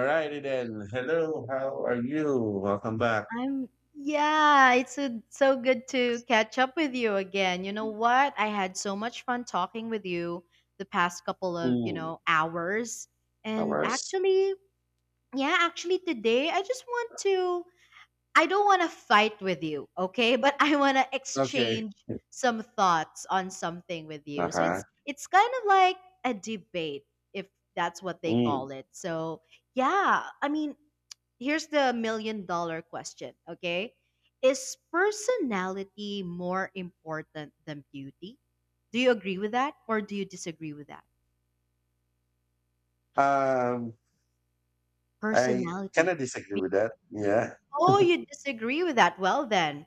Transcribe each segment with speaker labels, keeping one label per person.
Speaker 1: Alrighty then. Hello, how are you? Welcome back
Speaker 2: I'm Yeah, so good to catch up with you again. You know what? I had so much fun talking with you the past couple of,
Speaker 1: to
Speaker 2: hours. And
Speaker 1: our
Speaker 2: actually, yeah, actually today I just want to I don't want to fight with you, okay? But I want to
Speaker 1: okay.
Speaker 2: exchange some thoughts on something with you. So
Speaker 1: Uh-huh.
Speaker 2: it's kind of like a debate if that's what they
Speaker 1: Mm.
Speaker 2: call it. So, yeah, I mean, here's the million dollar question, okay? Is personality more important than beauty? Do you agree with that or do you disagree with that?
Speaker 1: Um, I kind
Speaker 2: Personality.
Speaker 1: of disagree
Speaker 2: Be-
Speaker 1: with that. Yeah.
Speaker 2: Oh, you disagree with that. Well, then,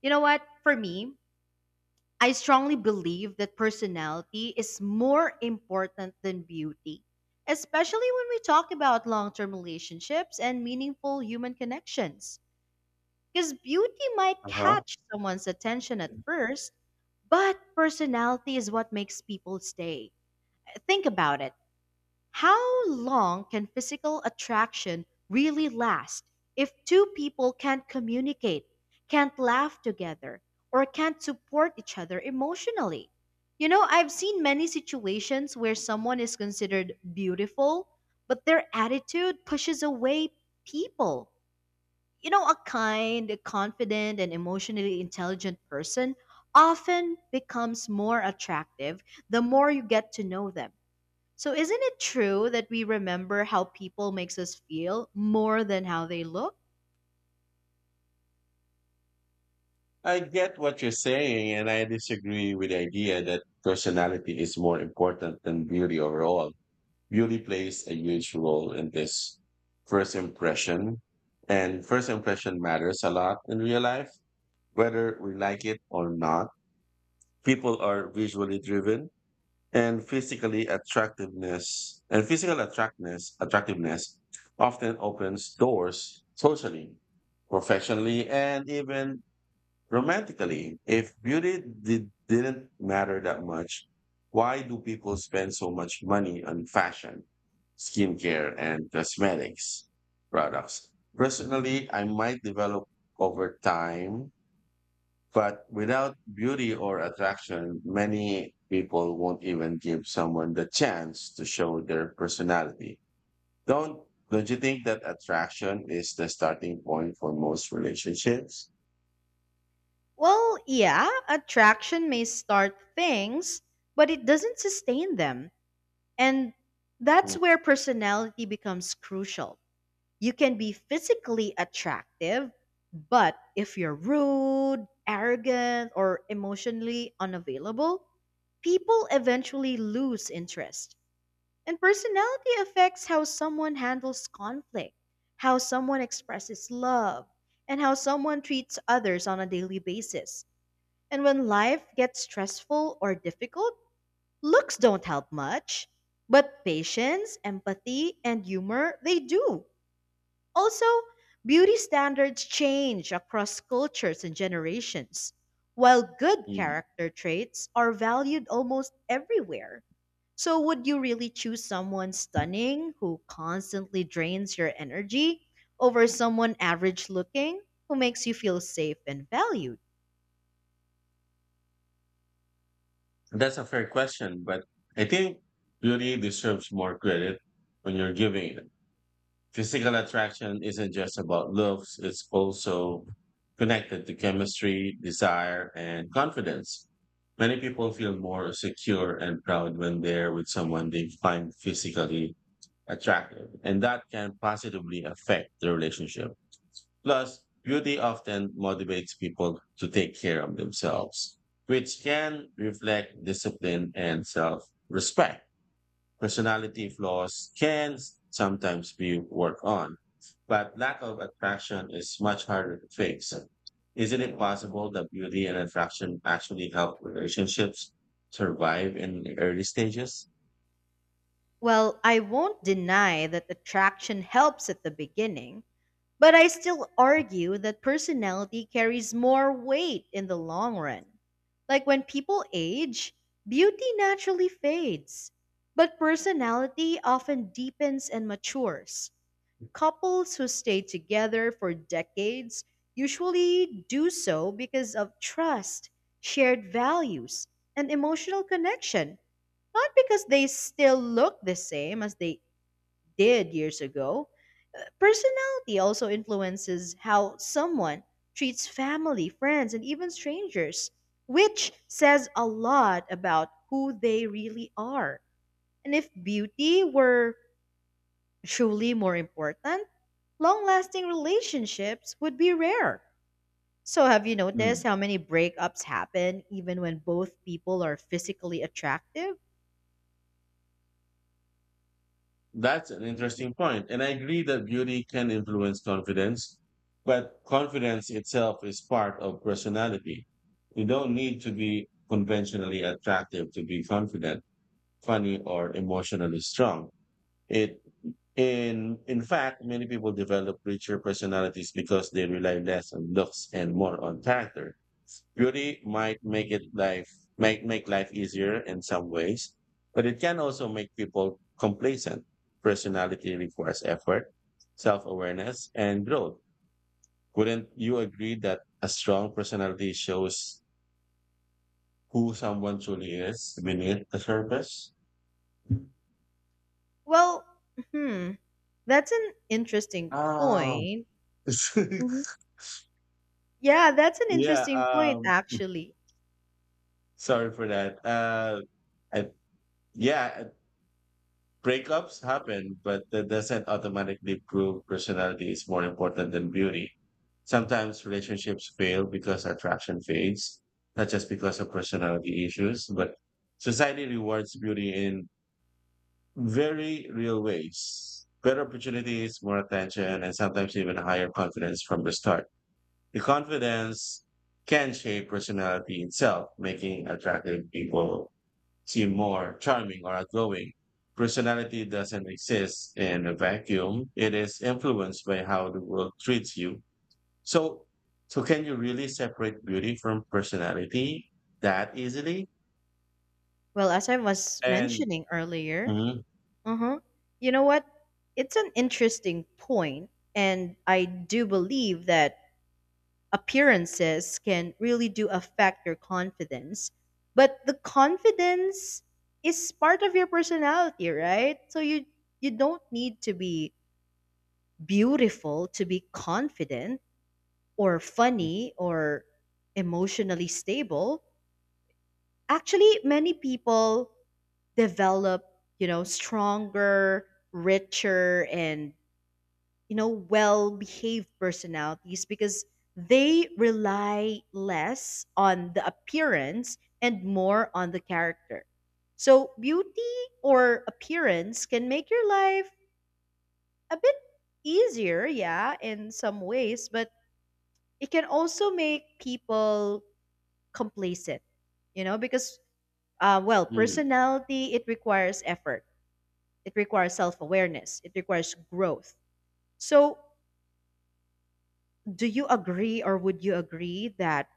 Speaker 2: you know what? For me, I strongly believe that personality is more important than beauty, especially when we talk about long term relationships and meaningful human connections. Because beauty might
Speaker 1: Uh-huh.
Speaker 2: catch someone's attention at first, but personality is what makes people stay. Think about it, how long can physical attraction really last if two people can't communicate, can't laugh together, or can't support each other emotionally? You know, I've seen many situations where someone is considered beautiful, but their attitude pushes away people. You know, a kind, confident, and emotionally intelligent person often becomes more attractive the more you get to know them. So isn't it true that we remember how people makes us feel more than how they look?
Speaker 1: I get what you're saying, and I disagree with the idea that personality is more important than beauty overall. Beauty plays a huge role in this first impression, and first impression matters a lot in real life, whether we like it or not. People are visually driven and physically attractiveness and physical attractiveness often opens doors socially, professionally, and even romantically. If beauty didn't matter that much, why do people spend so much money on fashion, skincare, and cosmetics products? Personally, I might develop over time, but without beauty or attraction, many people won't even give someone the chance to show their personality. Don't don't you think that attraction is the starting point for most relationships?
Speaker 2: Well, yeah, attraction may start things, but it doesn't sustain them. And that's where personality becomes crucial. You can be physically attractive, but if you're rude, arrogant, or emotionally unavailable, people eventually lose interest. And personality affects how someone handles conflict, how someone expresses love, and how someone treats others on a daily basis. And when life gets stressful or difficult, looks don't help much. But patience, empathy, and humor, they do. Also, beauty standards change across cultures and generations, while good
Speaker 1: Mm.
Speaker 2: character traits are valued almost everywhere. So, would you really choose someone stunning who constantly drains your energy over someone average looking who makes you feel safe and valued?
Speaker 1: That's a fair question, but I think beauty deserves more credit when you're giving it. Physical attraction isn't just about looks, it's also connected to chemistry, desire, and confidence. Many people feel more secure and proud when they're with someone they find physically attractive, and that can positively affect the relationship. Plus, beauty often motivates people to take care of themselves, which can reflect discipline and self respect. Personality flaws can sometimes be worked on, but lack of attraction is much harder to fix. Isn't it possible that beauty and attraction actually help relationships survive in the early stages?
Speaker 2: Well, I won't deny that attraction helps at the beginning, but I still argue that personality carries more weight in the long run. Like when people age, beauty naturally fades, but personality often deepens and matures. Couples who stay together for decades usually do so because of trust, shared values, and emotional connection, not because they still look the same as they did years ago. Personality also influences how someone treats family, friends, and even strangers, which says a lot about who they really are. And if beauty were truly more important, long lasting relationships would be rare. So, have you
Speaker 1: Hmm,
Speaker 2: noticed how many breakups happen even when both people are physically attractive?
Speaker 1: that's an interesting point, and I agree that beauty can influence confidence, but confidence itself is part of personality. You don't need to be conventionally attractive to be confident, funny, or emotionally strong. It in fact, many people develop richer personalities because they rely less on looks and more on character. Beauty might make it life might make life easier in some ways, but it can also make people complacent. Personality requires effort, self-awareness, and growth. Wouldn't you agree that a strong personality shows who someone truly is beneath the surface?
Speaker 2: Well, hmm, that's an interesting
Speaker 1: Ah,
Speaker 2: point. Mhm. Yeah, that's an
Speaker 1: yeah,
Speaker 2: interesting point,
Speaker 1: um,
Speaker 2: actually.
Speaker 1: Sorry for that. I, yeah, Breakups happen, but that doesn't automatically prove personality is more important than beauty. Sometimes relationships fail because attraction fades, not just because of personality issues, but society rewards beauty in very real ways. Better opportunities, more attention, and sometimes even higher confidence from the start. The confidence can shape personality itself, making attractive people seem more charming or outgoing. Personality doesn't exist in a vacuum. It is influenced by how the world treats you. So, so can you really separate beauty from personality that easily?
Speaker 2: Well, as I was
Speaker 1: And
Speaker 2: mentioning earlier,
Speaker 1: Mhm.
Speaker 2: uh-huh. You know what? It's an interesting point, and I do believe that appearances can really do affect your confidence. But the confidence is part of your personality, right? So you don't need to be beautiful to be confident or funny or emotionally stable. Actually, many people develop, stronger, richer and well behaved personalities because they rely less on the appearance and more on the character. So beauty or appearance can make your life a bit easier, yeah, in some ways, but it can also make people complacent, you know, because well,
Speaker 1: Mhm.
Speaker 2: personality, it requires effort, it requires self-awareness, it requires growth. So do you agree or would you agree that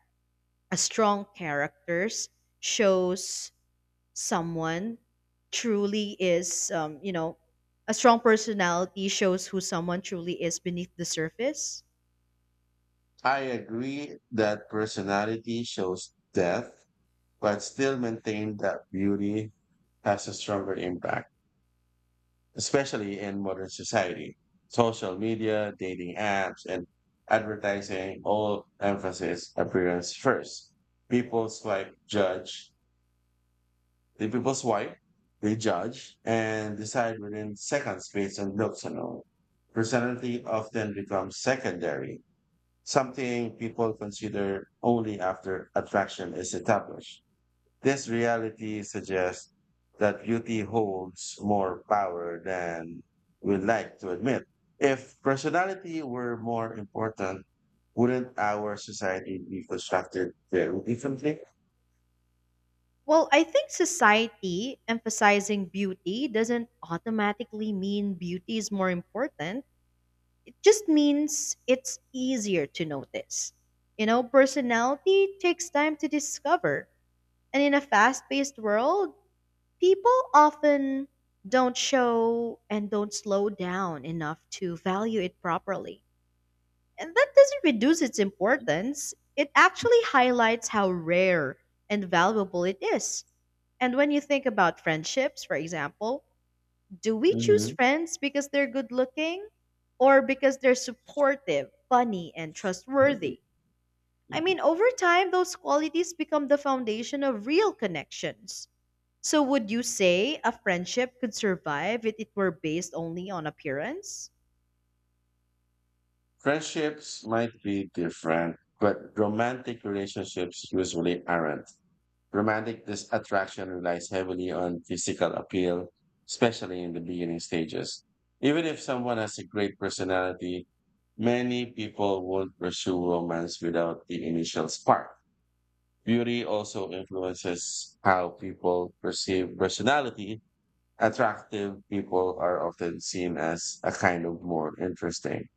Speaker 2: a strong characters shows someone truly is, a strong personality shows who someone truly is beneath the surface?
Speaker 1: I agree that personality shows depth, but still maintain that beauty has a stronger impact, especially in modern society. Social media, dating apps, and advertising all emphasis appearance first. People swipe, judge. The people swipe, they judge, and decide within seconds based on looks alone. Personality often becomes secondary, something people consider only after attraction is established. This reality suggests that beauty holds more power than we'd like to admit. If personality were more important, wouldn't our society be constructed very differently?
Speaker 2: Well, I think society emphasizing beauty doesn't automatically mean beauty is more important, it just means it's easier to notice. You know, personality takes time to discover, and in a fast-paced world people often don't show and don't slow down enough to value it properly. And that doesn't reduce its importance, it actually highlights how rare and valuable it is. And when you think about friendships, for example, do we choose
Speaker 1: Hmm.
Speaker 2: friends because they're good looking or because they're supportive, funny, and trustworthy? I mean, over time, those qualities become the foundation of real connections. So, would you say a friendship could survive if it were based only on appearance?
Speaker 1: Friendships might be different, but romantic relationships usually aren't. Attraction relies heavily on physical appeal, especially in the beginning stages. Even if someone has a great personality, many people won't pursue romance without the initial spark. Beauty also influences how people perceive personality. Attractive people are often seen as a kind of more interesting.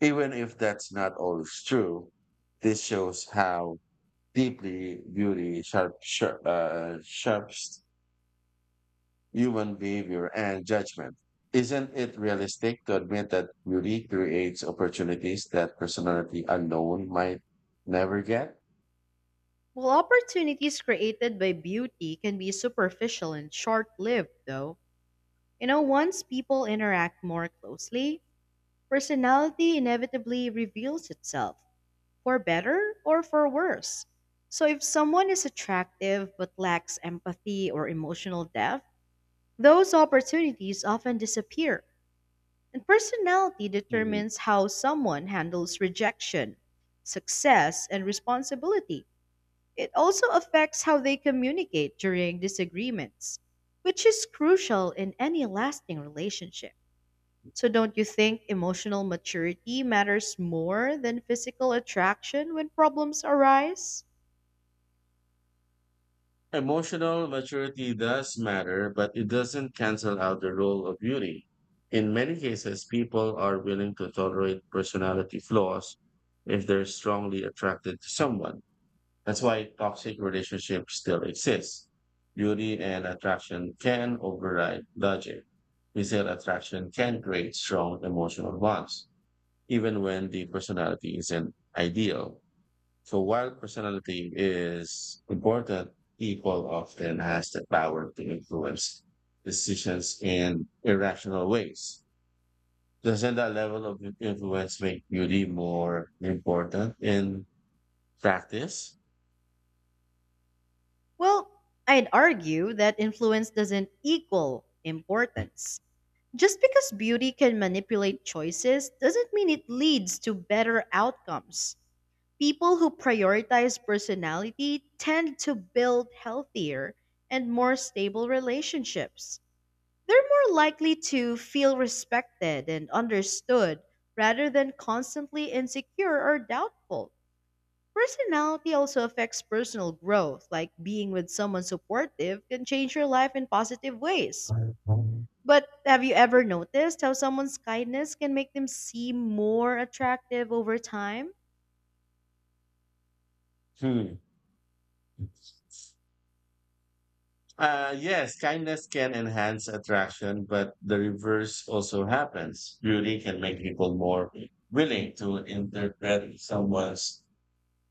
Speaker 1: Even if that's not always true, this shows how deeply beauty sharps human behavior and judgment. Isn't it realistic to admit that beauty creates opportunities that personality alone might never get?
Speaker 2: Well, opportunities created by beauty can be superficial and short lived, though. You know, once people interact more closely, personality inevitably reveals itself, for better or for worse. So, if someone is attractive but lacks empathy or emotional depth, those opportunities often disappear, and personality
Speaker 1: Mhm.
Speaker 2: determines how someone handles rejection, success, and responsibility. It also affects how they communicate during disagreements, which is crucial in any lasting relationship. So, don't you think emotional maturity matters more than physical attraction when problems arise?
Speaker 1: Emotional maturity does matter, but it doesn't cancel out the role of beauty. In many cases, people are willing to tolerate personality flaws if they're strongly attracted to someone. That's why toxic relationships still exist. Beauty and attraction can override logic. Physical attraction can create strong emotional bonds, even when the personality isn't ideal. So while personality is important, people often has the power to influence decisions in irrational ways. Doesn't that level of influence make beauty more important in practice?
Speaker 2: Well, I'd argue that influence doesn't equal importance. Just because beauty can manipulate choices doesn't mean it leads to better outcomes. People who prioritize personality tend to build healthier and more stable relationships. They're more likely to feel respected and understood rather than constantly insecure or doubtful. Personality also affects personal growth, like being with someone supportive can change your life in positive ways.
Speaker 1: Hmm.
Speaker 2: But have you ever noticed how someone's kindness can make them seem more attractive over time?
Speaker 1: Yes, kindness can enhance attraction, but the reverse also happens. Beauty can make people more willing to interpret someone's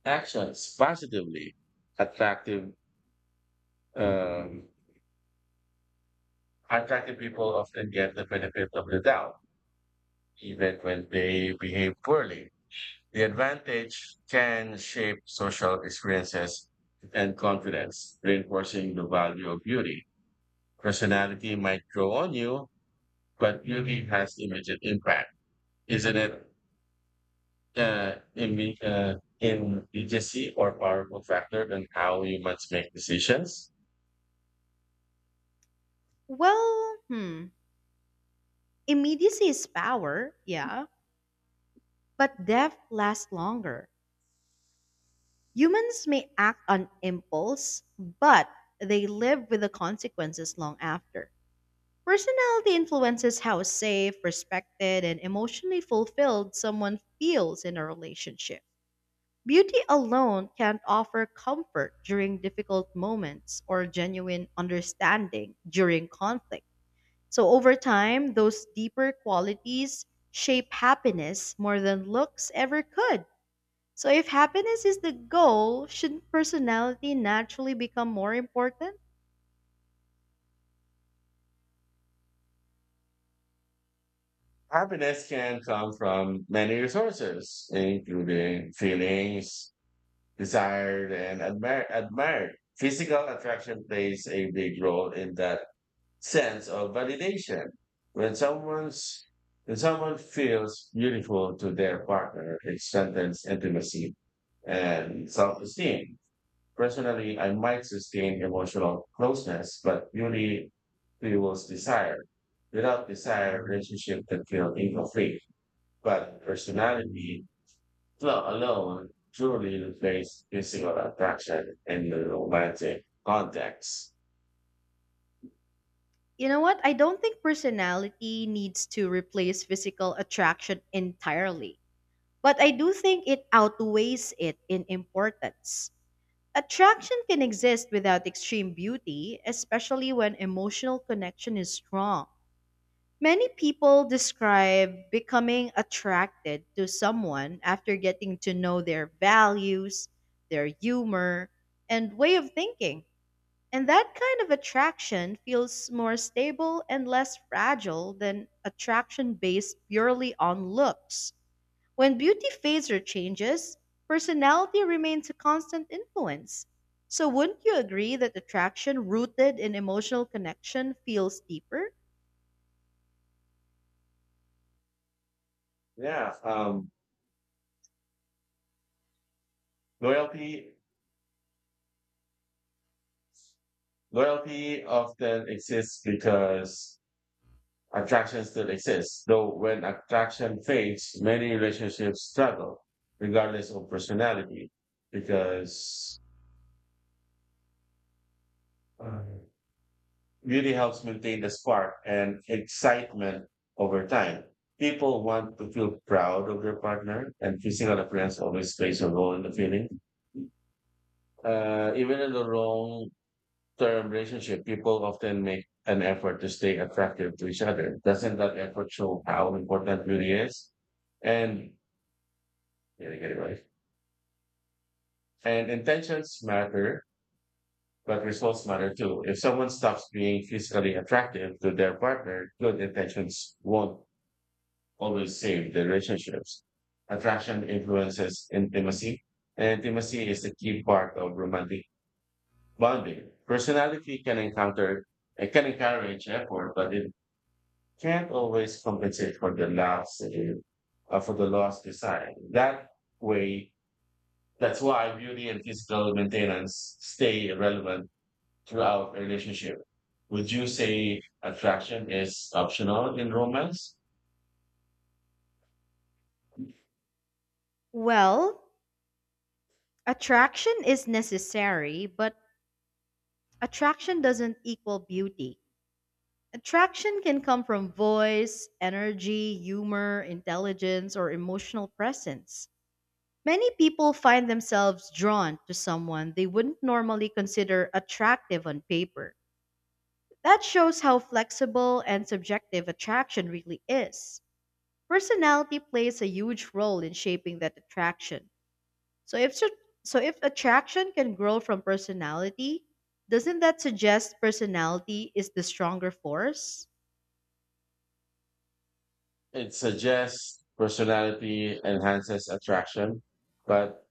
Speaker 1: actions positively. Attractive, um, Attractive people often get the benefit of the doubt, even when they behave poorly. The advantage can shape social experiences and confidence, reinforcing the value of beauty. Personality might grow on you, but really has immediate impact, isn't it? Uh, imme- uh, Immediacy or powerful factor than how humans make decisions.
Speaker 2: Well, hmm. Immediacy is power, yeah, but depth lasts longer. Humans may act on impulse, but they live with the consequences long after. Personality influences how safe, respected, and emotionally fulfilled someone feels in a relationship. Beauty alone can't offer comfort during difficult moments or genuine understanding during conflict. So, over time, those deeper qualities shape happiness more than looks ever could. So, if happiness is the goal, shouldn't personality naturally become more important?
Speaker 1: Happiness can come from many resources, including feelings, desired, and admired. Physical attraction plays a big role in that sense of validation. When someone's when someone feels beautiful to their partner, it strengthens intimacy and self-esteem. Personally, I might sustain emotional closeness, but beauty fuels desire. Without desire, relationship can feel incomplete. But personality flaw alone truly replaces physical attraction in the romantic context.
Speaker 2: You know what? I don't think personality needs to replace physical attraction entirely, but I do think it outweighs it in importance. Attraction can exist without extreme beauty, especially when emotional connection is strong. Many people describe becoming attracted to someone after getting to know their values, their humor, and way of thinking. And that kind of attraction feels more stable and less fragile than attraction based purely on looks. When beauty fades or changes, personality remains a constant influence. So, wouldn't you agree that attraction rooted in emotional connection feels deeper?
Speaker 1: Yeah, um, loyalty Loyalty often exists because attraction still exists, though when attraction fades, many relationships struggle, regardless of personality, because uh, beauty helps maintain the spark and excitement over time. People want to feel proud of their partner, and physical appearance always plays a role in the feeling. Even in the wrong The relationship, people often make an effort to stay attractive to each other. Doesn't that effort show how important beauty is? And yeah, you get it right. And intentions matter, but results matter too. If someone stops being physically attractive to their partner, good intentions won't always save the relationships. Attraction influences intimacy, and intimacy is a key part of romantic bonding. Personality can encounter It can encourage effort, but it can't always compensate for the loss design. Way, that's why beauty and physical maintenance stay relevant throughout a relationship. Would you say attraction is optional in romance?
Speaker 2: Well, attraction is necessary, but attraction doesn't equal beauty. Attraction can come from voice, energy, humor, intelligence, or emotional presence. Many people find themselves drawn to someone they wouldn't normally consider attractive on paper. That shows how flexible and subjective attraction really is. Personality plays a huge role in shaping that attraction. So if so if attraction can grow from personality, doesn't that suggest personality is the stronger force?
Speaker 1: It suggests personality enhances attraction, but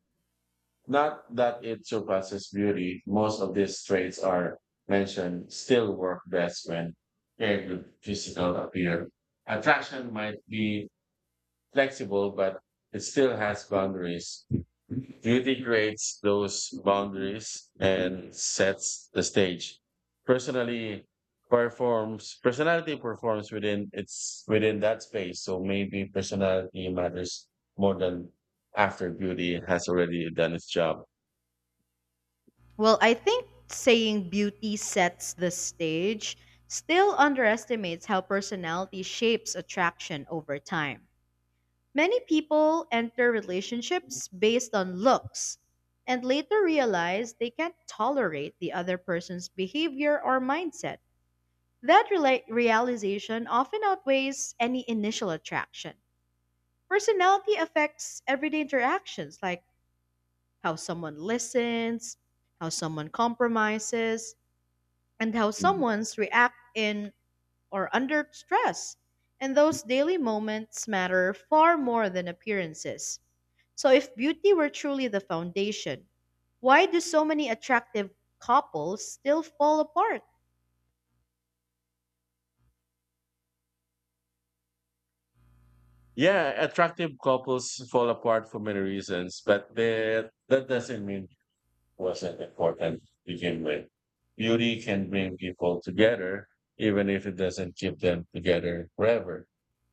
Speaker 1: not that it surpasses beauty. Most of these traits are mentioned still work best when paired with physical appeal. Attraction might be flexible, but it still has boundaries. Beauty creates those boundaries and sets the stage. Personally performs Personality performs within that space. So maybe personality matters more than after beauty has already done its job.
Speaker 2: Well, I think saying beauty sets the stage still underestimates how personality shapes attraction over time. Many people enter relationships based on looks and later realize they can't tolerate the other person's behavior or mindset. That realization often outweighs any initial attraction. Personality affects everyday interactions like how someone listens, how someone compromises, and how someone's react in or under stress. And those daily moments matter far more than appearances. So if beauty were truly the foundation, why do so many attractive couples still fall apart?
Speaker 1: Yeah, attractive couples fall apart for many reasons, but that doesn't mean it wasn't important to begin with. Beauty can bring people together, even if it doesn't keep them together forever.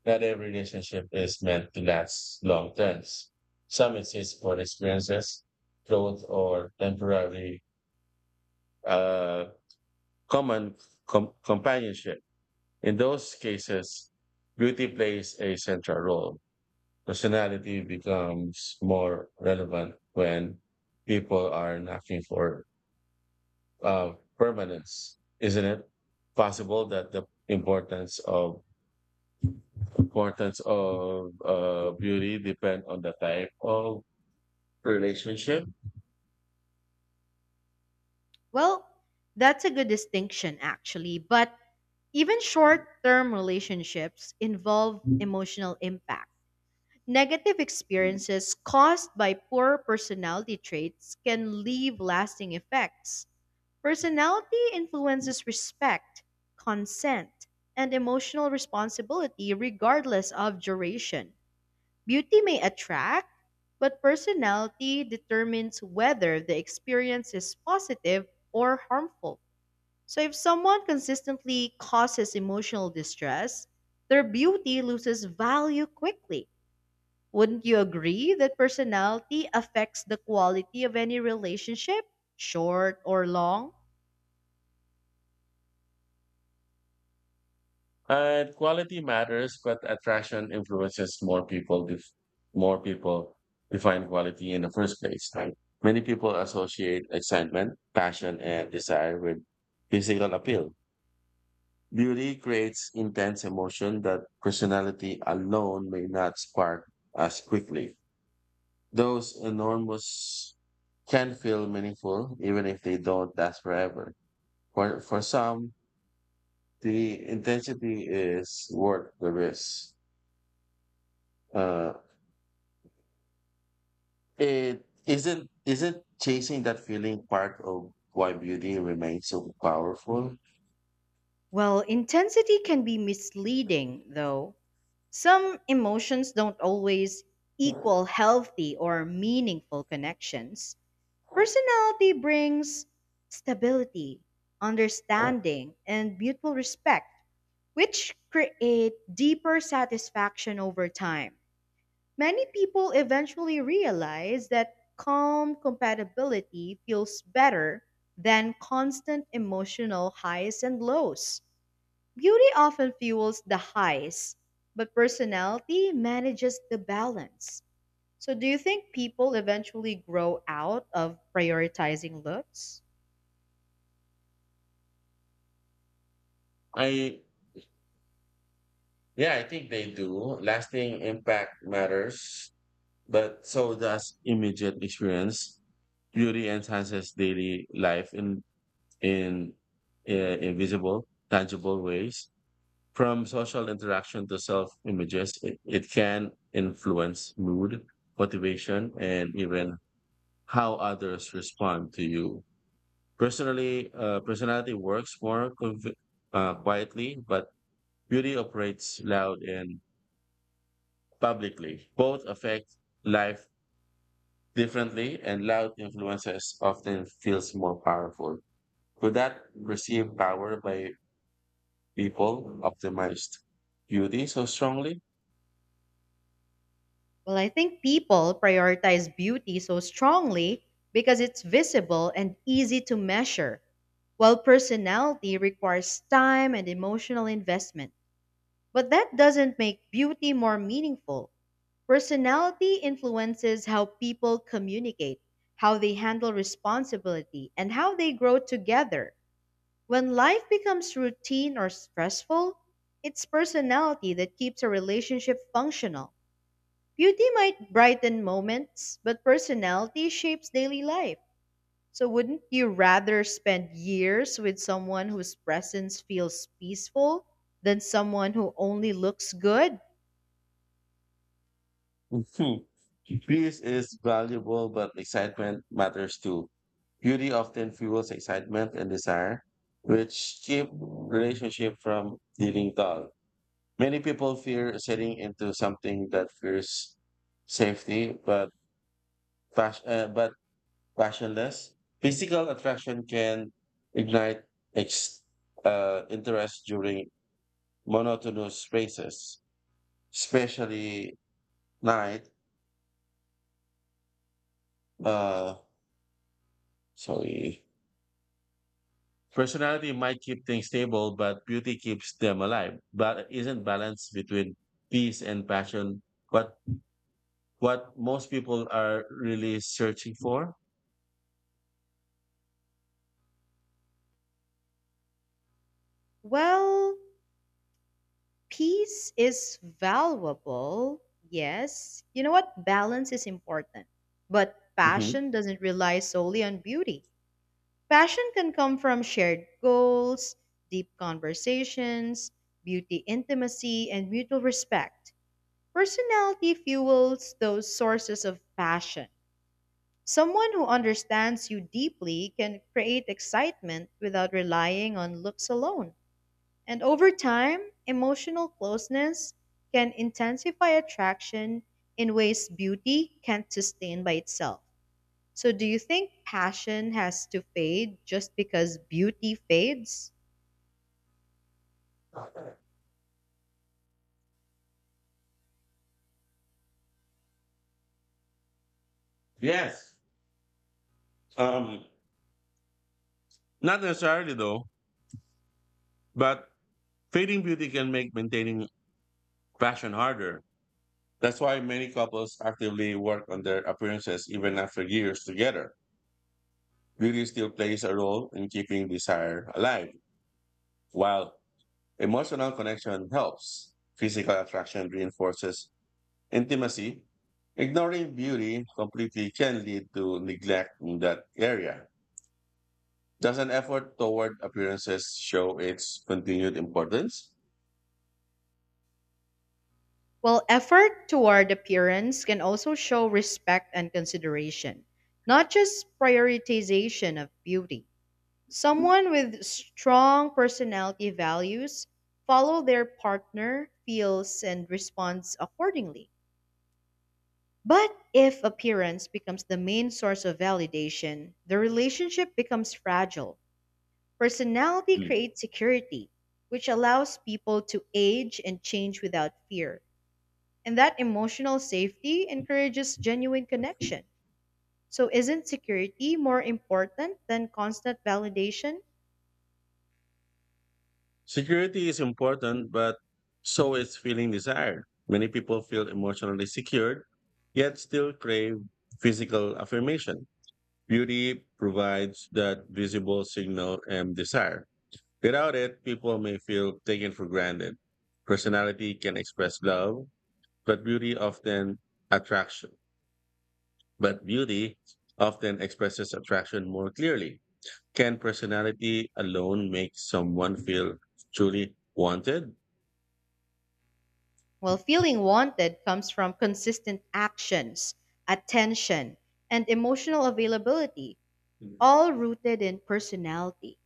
Speaker 1: Not every relationship is meant to last long terms. Some exist for experiences, growth, or temporary uh, common companionship. In those cases, beauty plays a central role. Personality becomes more relevant when people are knocking for uh, permanence, isn't it? Possible that the importance of beauty depend on the type of relationship.
Speaker 2: Well, that's a good distinction actually, but even short-term relationships involve emotional impact. Negative experiences caused by poor personality traits can leave lasting effects. Personality influences respect, consent, and emotional responsibility regardless of duration. Beauty may attract, but personality determines whether the experience is positive or harmful. So, if someone consistently causes emotional distress, their beauty loses value quickly. Wouldn't you agree that personality affects the quality of any relationship, short or long?
Speaker 1: And quality matters, but attraction influences more people. More people define quality in the first place. Right? Many people associate excitement, passion, and desire with physical appeal. Beauty creates intense emotion that personality alone may not spark as quickly. Those enormous can feel meaningful even if they don't last forever. For some, the intensity is worth the risk. Uh, It isn't chasing that feeling part of why beauty remains so powerful.
Speaker 2: Well, intensity can be misleading, though. Some emotions don't always equal healthy or meaningful connections. Personality brings stability, understanding, and mutual respect, which create deeper satisfaction over time. Many people eventually realize that calm compatibility feels better than constant emotional highs and lows. Beauty often fuels the highs, but personality manages the balance. So, do you think people eventually grow out of prioritizing looks?
Speaker 1: I Yeah, I think they do. Lasting impact matters, but so does immediate experience. Beauty enhances daily life in invisible, tangible ways. From social interaction to self images, it can influence mood, motivation, and even how others respond to you. Personality works more quietly, but beauty operates loud and publicly. Both affect life differently, and loud influences often feels more powerful. Could that perceived power by people optimized beauty so strongly?
Speaker 2: Well, I think people prioritize beauty so strongly because it's visible and easy to measure, while personality requires time and emotional investment. But that doesn't make beauty more meaningful. Personality influences how people communicate, how they handle responsibility, and how they grow together. When life becomes routine or stressful, it's personality that keeps a relationship functional. Beauty might brighten moments, but personality shapes daily life. So, wouldn't you rather spend years with someone whose presence feels peaceful than someone who only looks good?
Speaker 1: Mhm. Peace is valuable, but excitement matters too. Beauty often fuels excitement and desire, which keep relationship from feeling dull. Many people fear setting into something that fears safety, but pas- uh, but passionless. Physical attraction can ignite ex- interest during monotonous spaces, especially night. Uh, sorry. Personality might keep things stable, but beauty keeps them alive. But isn't balance between peace and passion what what most people are really searching for?
Speaker 2: Well, peace is valuable, yes. You know what? Balance is important. But
Speaker 1: Mhm.
Speaker 2: passion doesn't rely solely on beauty. Passion can come from shared goals, deep conversations, beauty intimacy, and mutual respect. Personality fuels those sources of passion. Someone who understands you deeply can create excitement without relying on looks alone. And over time, emotional closeness can intensify attraction in ways beauty can't sustain by itself. So, do you think passion has to fade just because beauty fades?
Speaker 1: Yes. Um, Not necessarily though, but fading beauty can make maintaining passion harder. That's why many couples actively work on their appearances even after years together. Beauty still plays a role in keeping desire alive, while emotional connection helps. Physical attraction reinforces intimacy. Ignoring beauty completely can lead to neglect in that area. Does an effort toward appearances show its continued importance?
Speaker 2: Well, effort toward appearance can also show respect and consideration, not just prioritization of beauty. Someone with strong personality values follow their partner, feels, and responds accordingly. But if appearance becomes the main source of validation, the relationship becomes fragile. Personality
Speaker 1: Mm.
Speaker 2: creates security, which allows people to age and change without fear. And that emotional safety encourages genuine connection. So, isn't security more important than constant validation?
Speaker 1: Security is important, but so is feeling desired. Many people feel emotionally secured, yet still crave physical affirmation. Beauty provides that visible signal and desire. Without it, people may feel taken for granted. Personality can express love, but beauty often attraction. But beauty often expresses attraction more clearly. Can personality alone make someone feel truly wanted?
Speaker 2: Well, feeling wanted comes from consistent actions, attention, and emotional availability, all rooted in personality.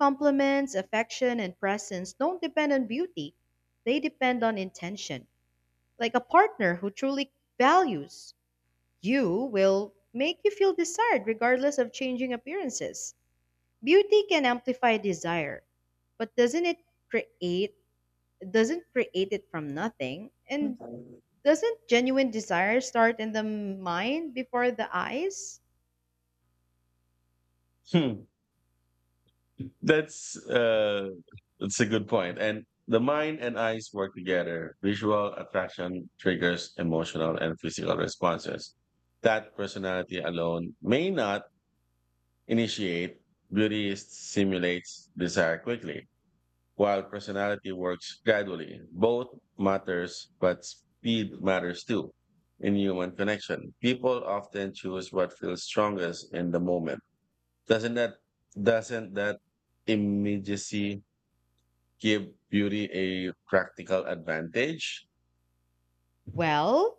Speaker 2: Compliments, affection, and presence don't depend on beauty, they depend on intention. Like a partner who truly values you will make you feel desired regardless of changing appearances. Beauty can amplify desire, but doesn't it create, doesn't create it from nothing? And doesn't genuine desire start in the mind before the eyes?
Speaker 1: Hmm. That's uh, that's a good point. And the mind and eyes work together. Visual attraction triggers emotional and physical responses that personality alone may not initiate. Beauty stimulates desire quickly, while personality works gradually. Both matters, but speed matters too. In human connection, people often choose what feels strongest in the moment. Doesn't that doesn't that immediacy give beauty a practical advantage?
Speaker 2: Well,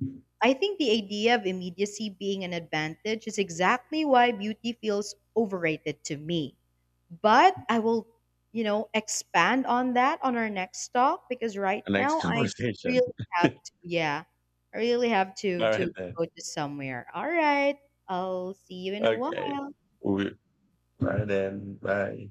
Speaker 1: The
Speaker 2: I think the idea of immediacy being an advantage is exactly why beauty feels overrated to me. But I will, you know, expand on that on our next talk because right
Speaker 1: Next
Speaker 2: now I
Speaker 1: conversation.
Speaker 2: really
Speaker 1: All
Speaker 2: have to, yeah, I really have to
Speaker 1: right then.
Speaker 2: go to somewhere. All right, I'll see you in a
Speaker 1: Okay.
Speaker 2: while.
Speaker 1: We, all right then. Bye.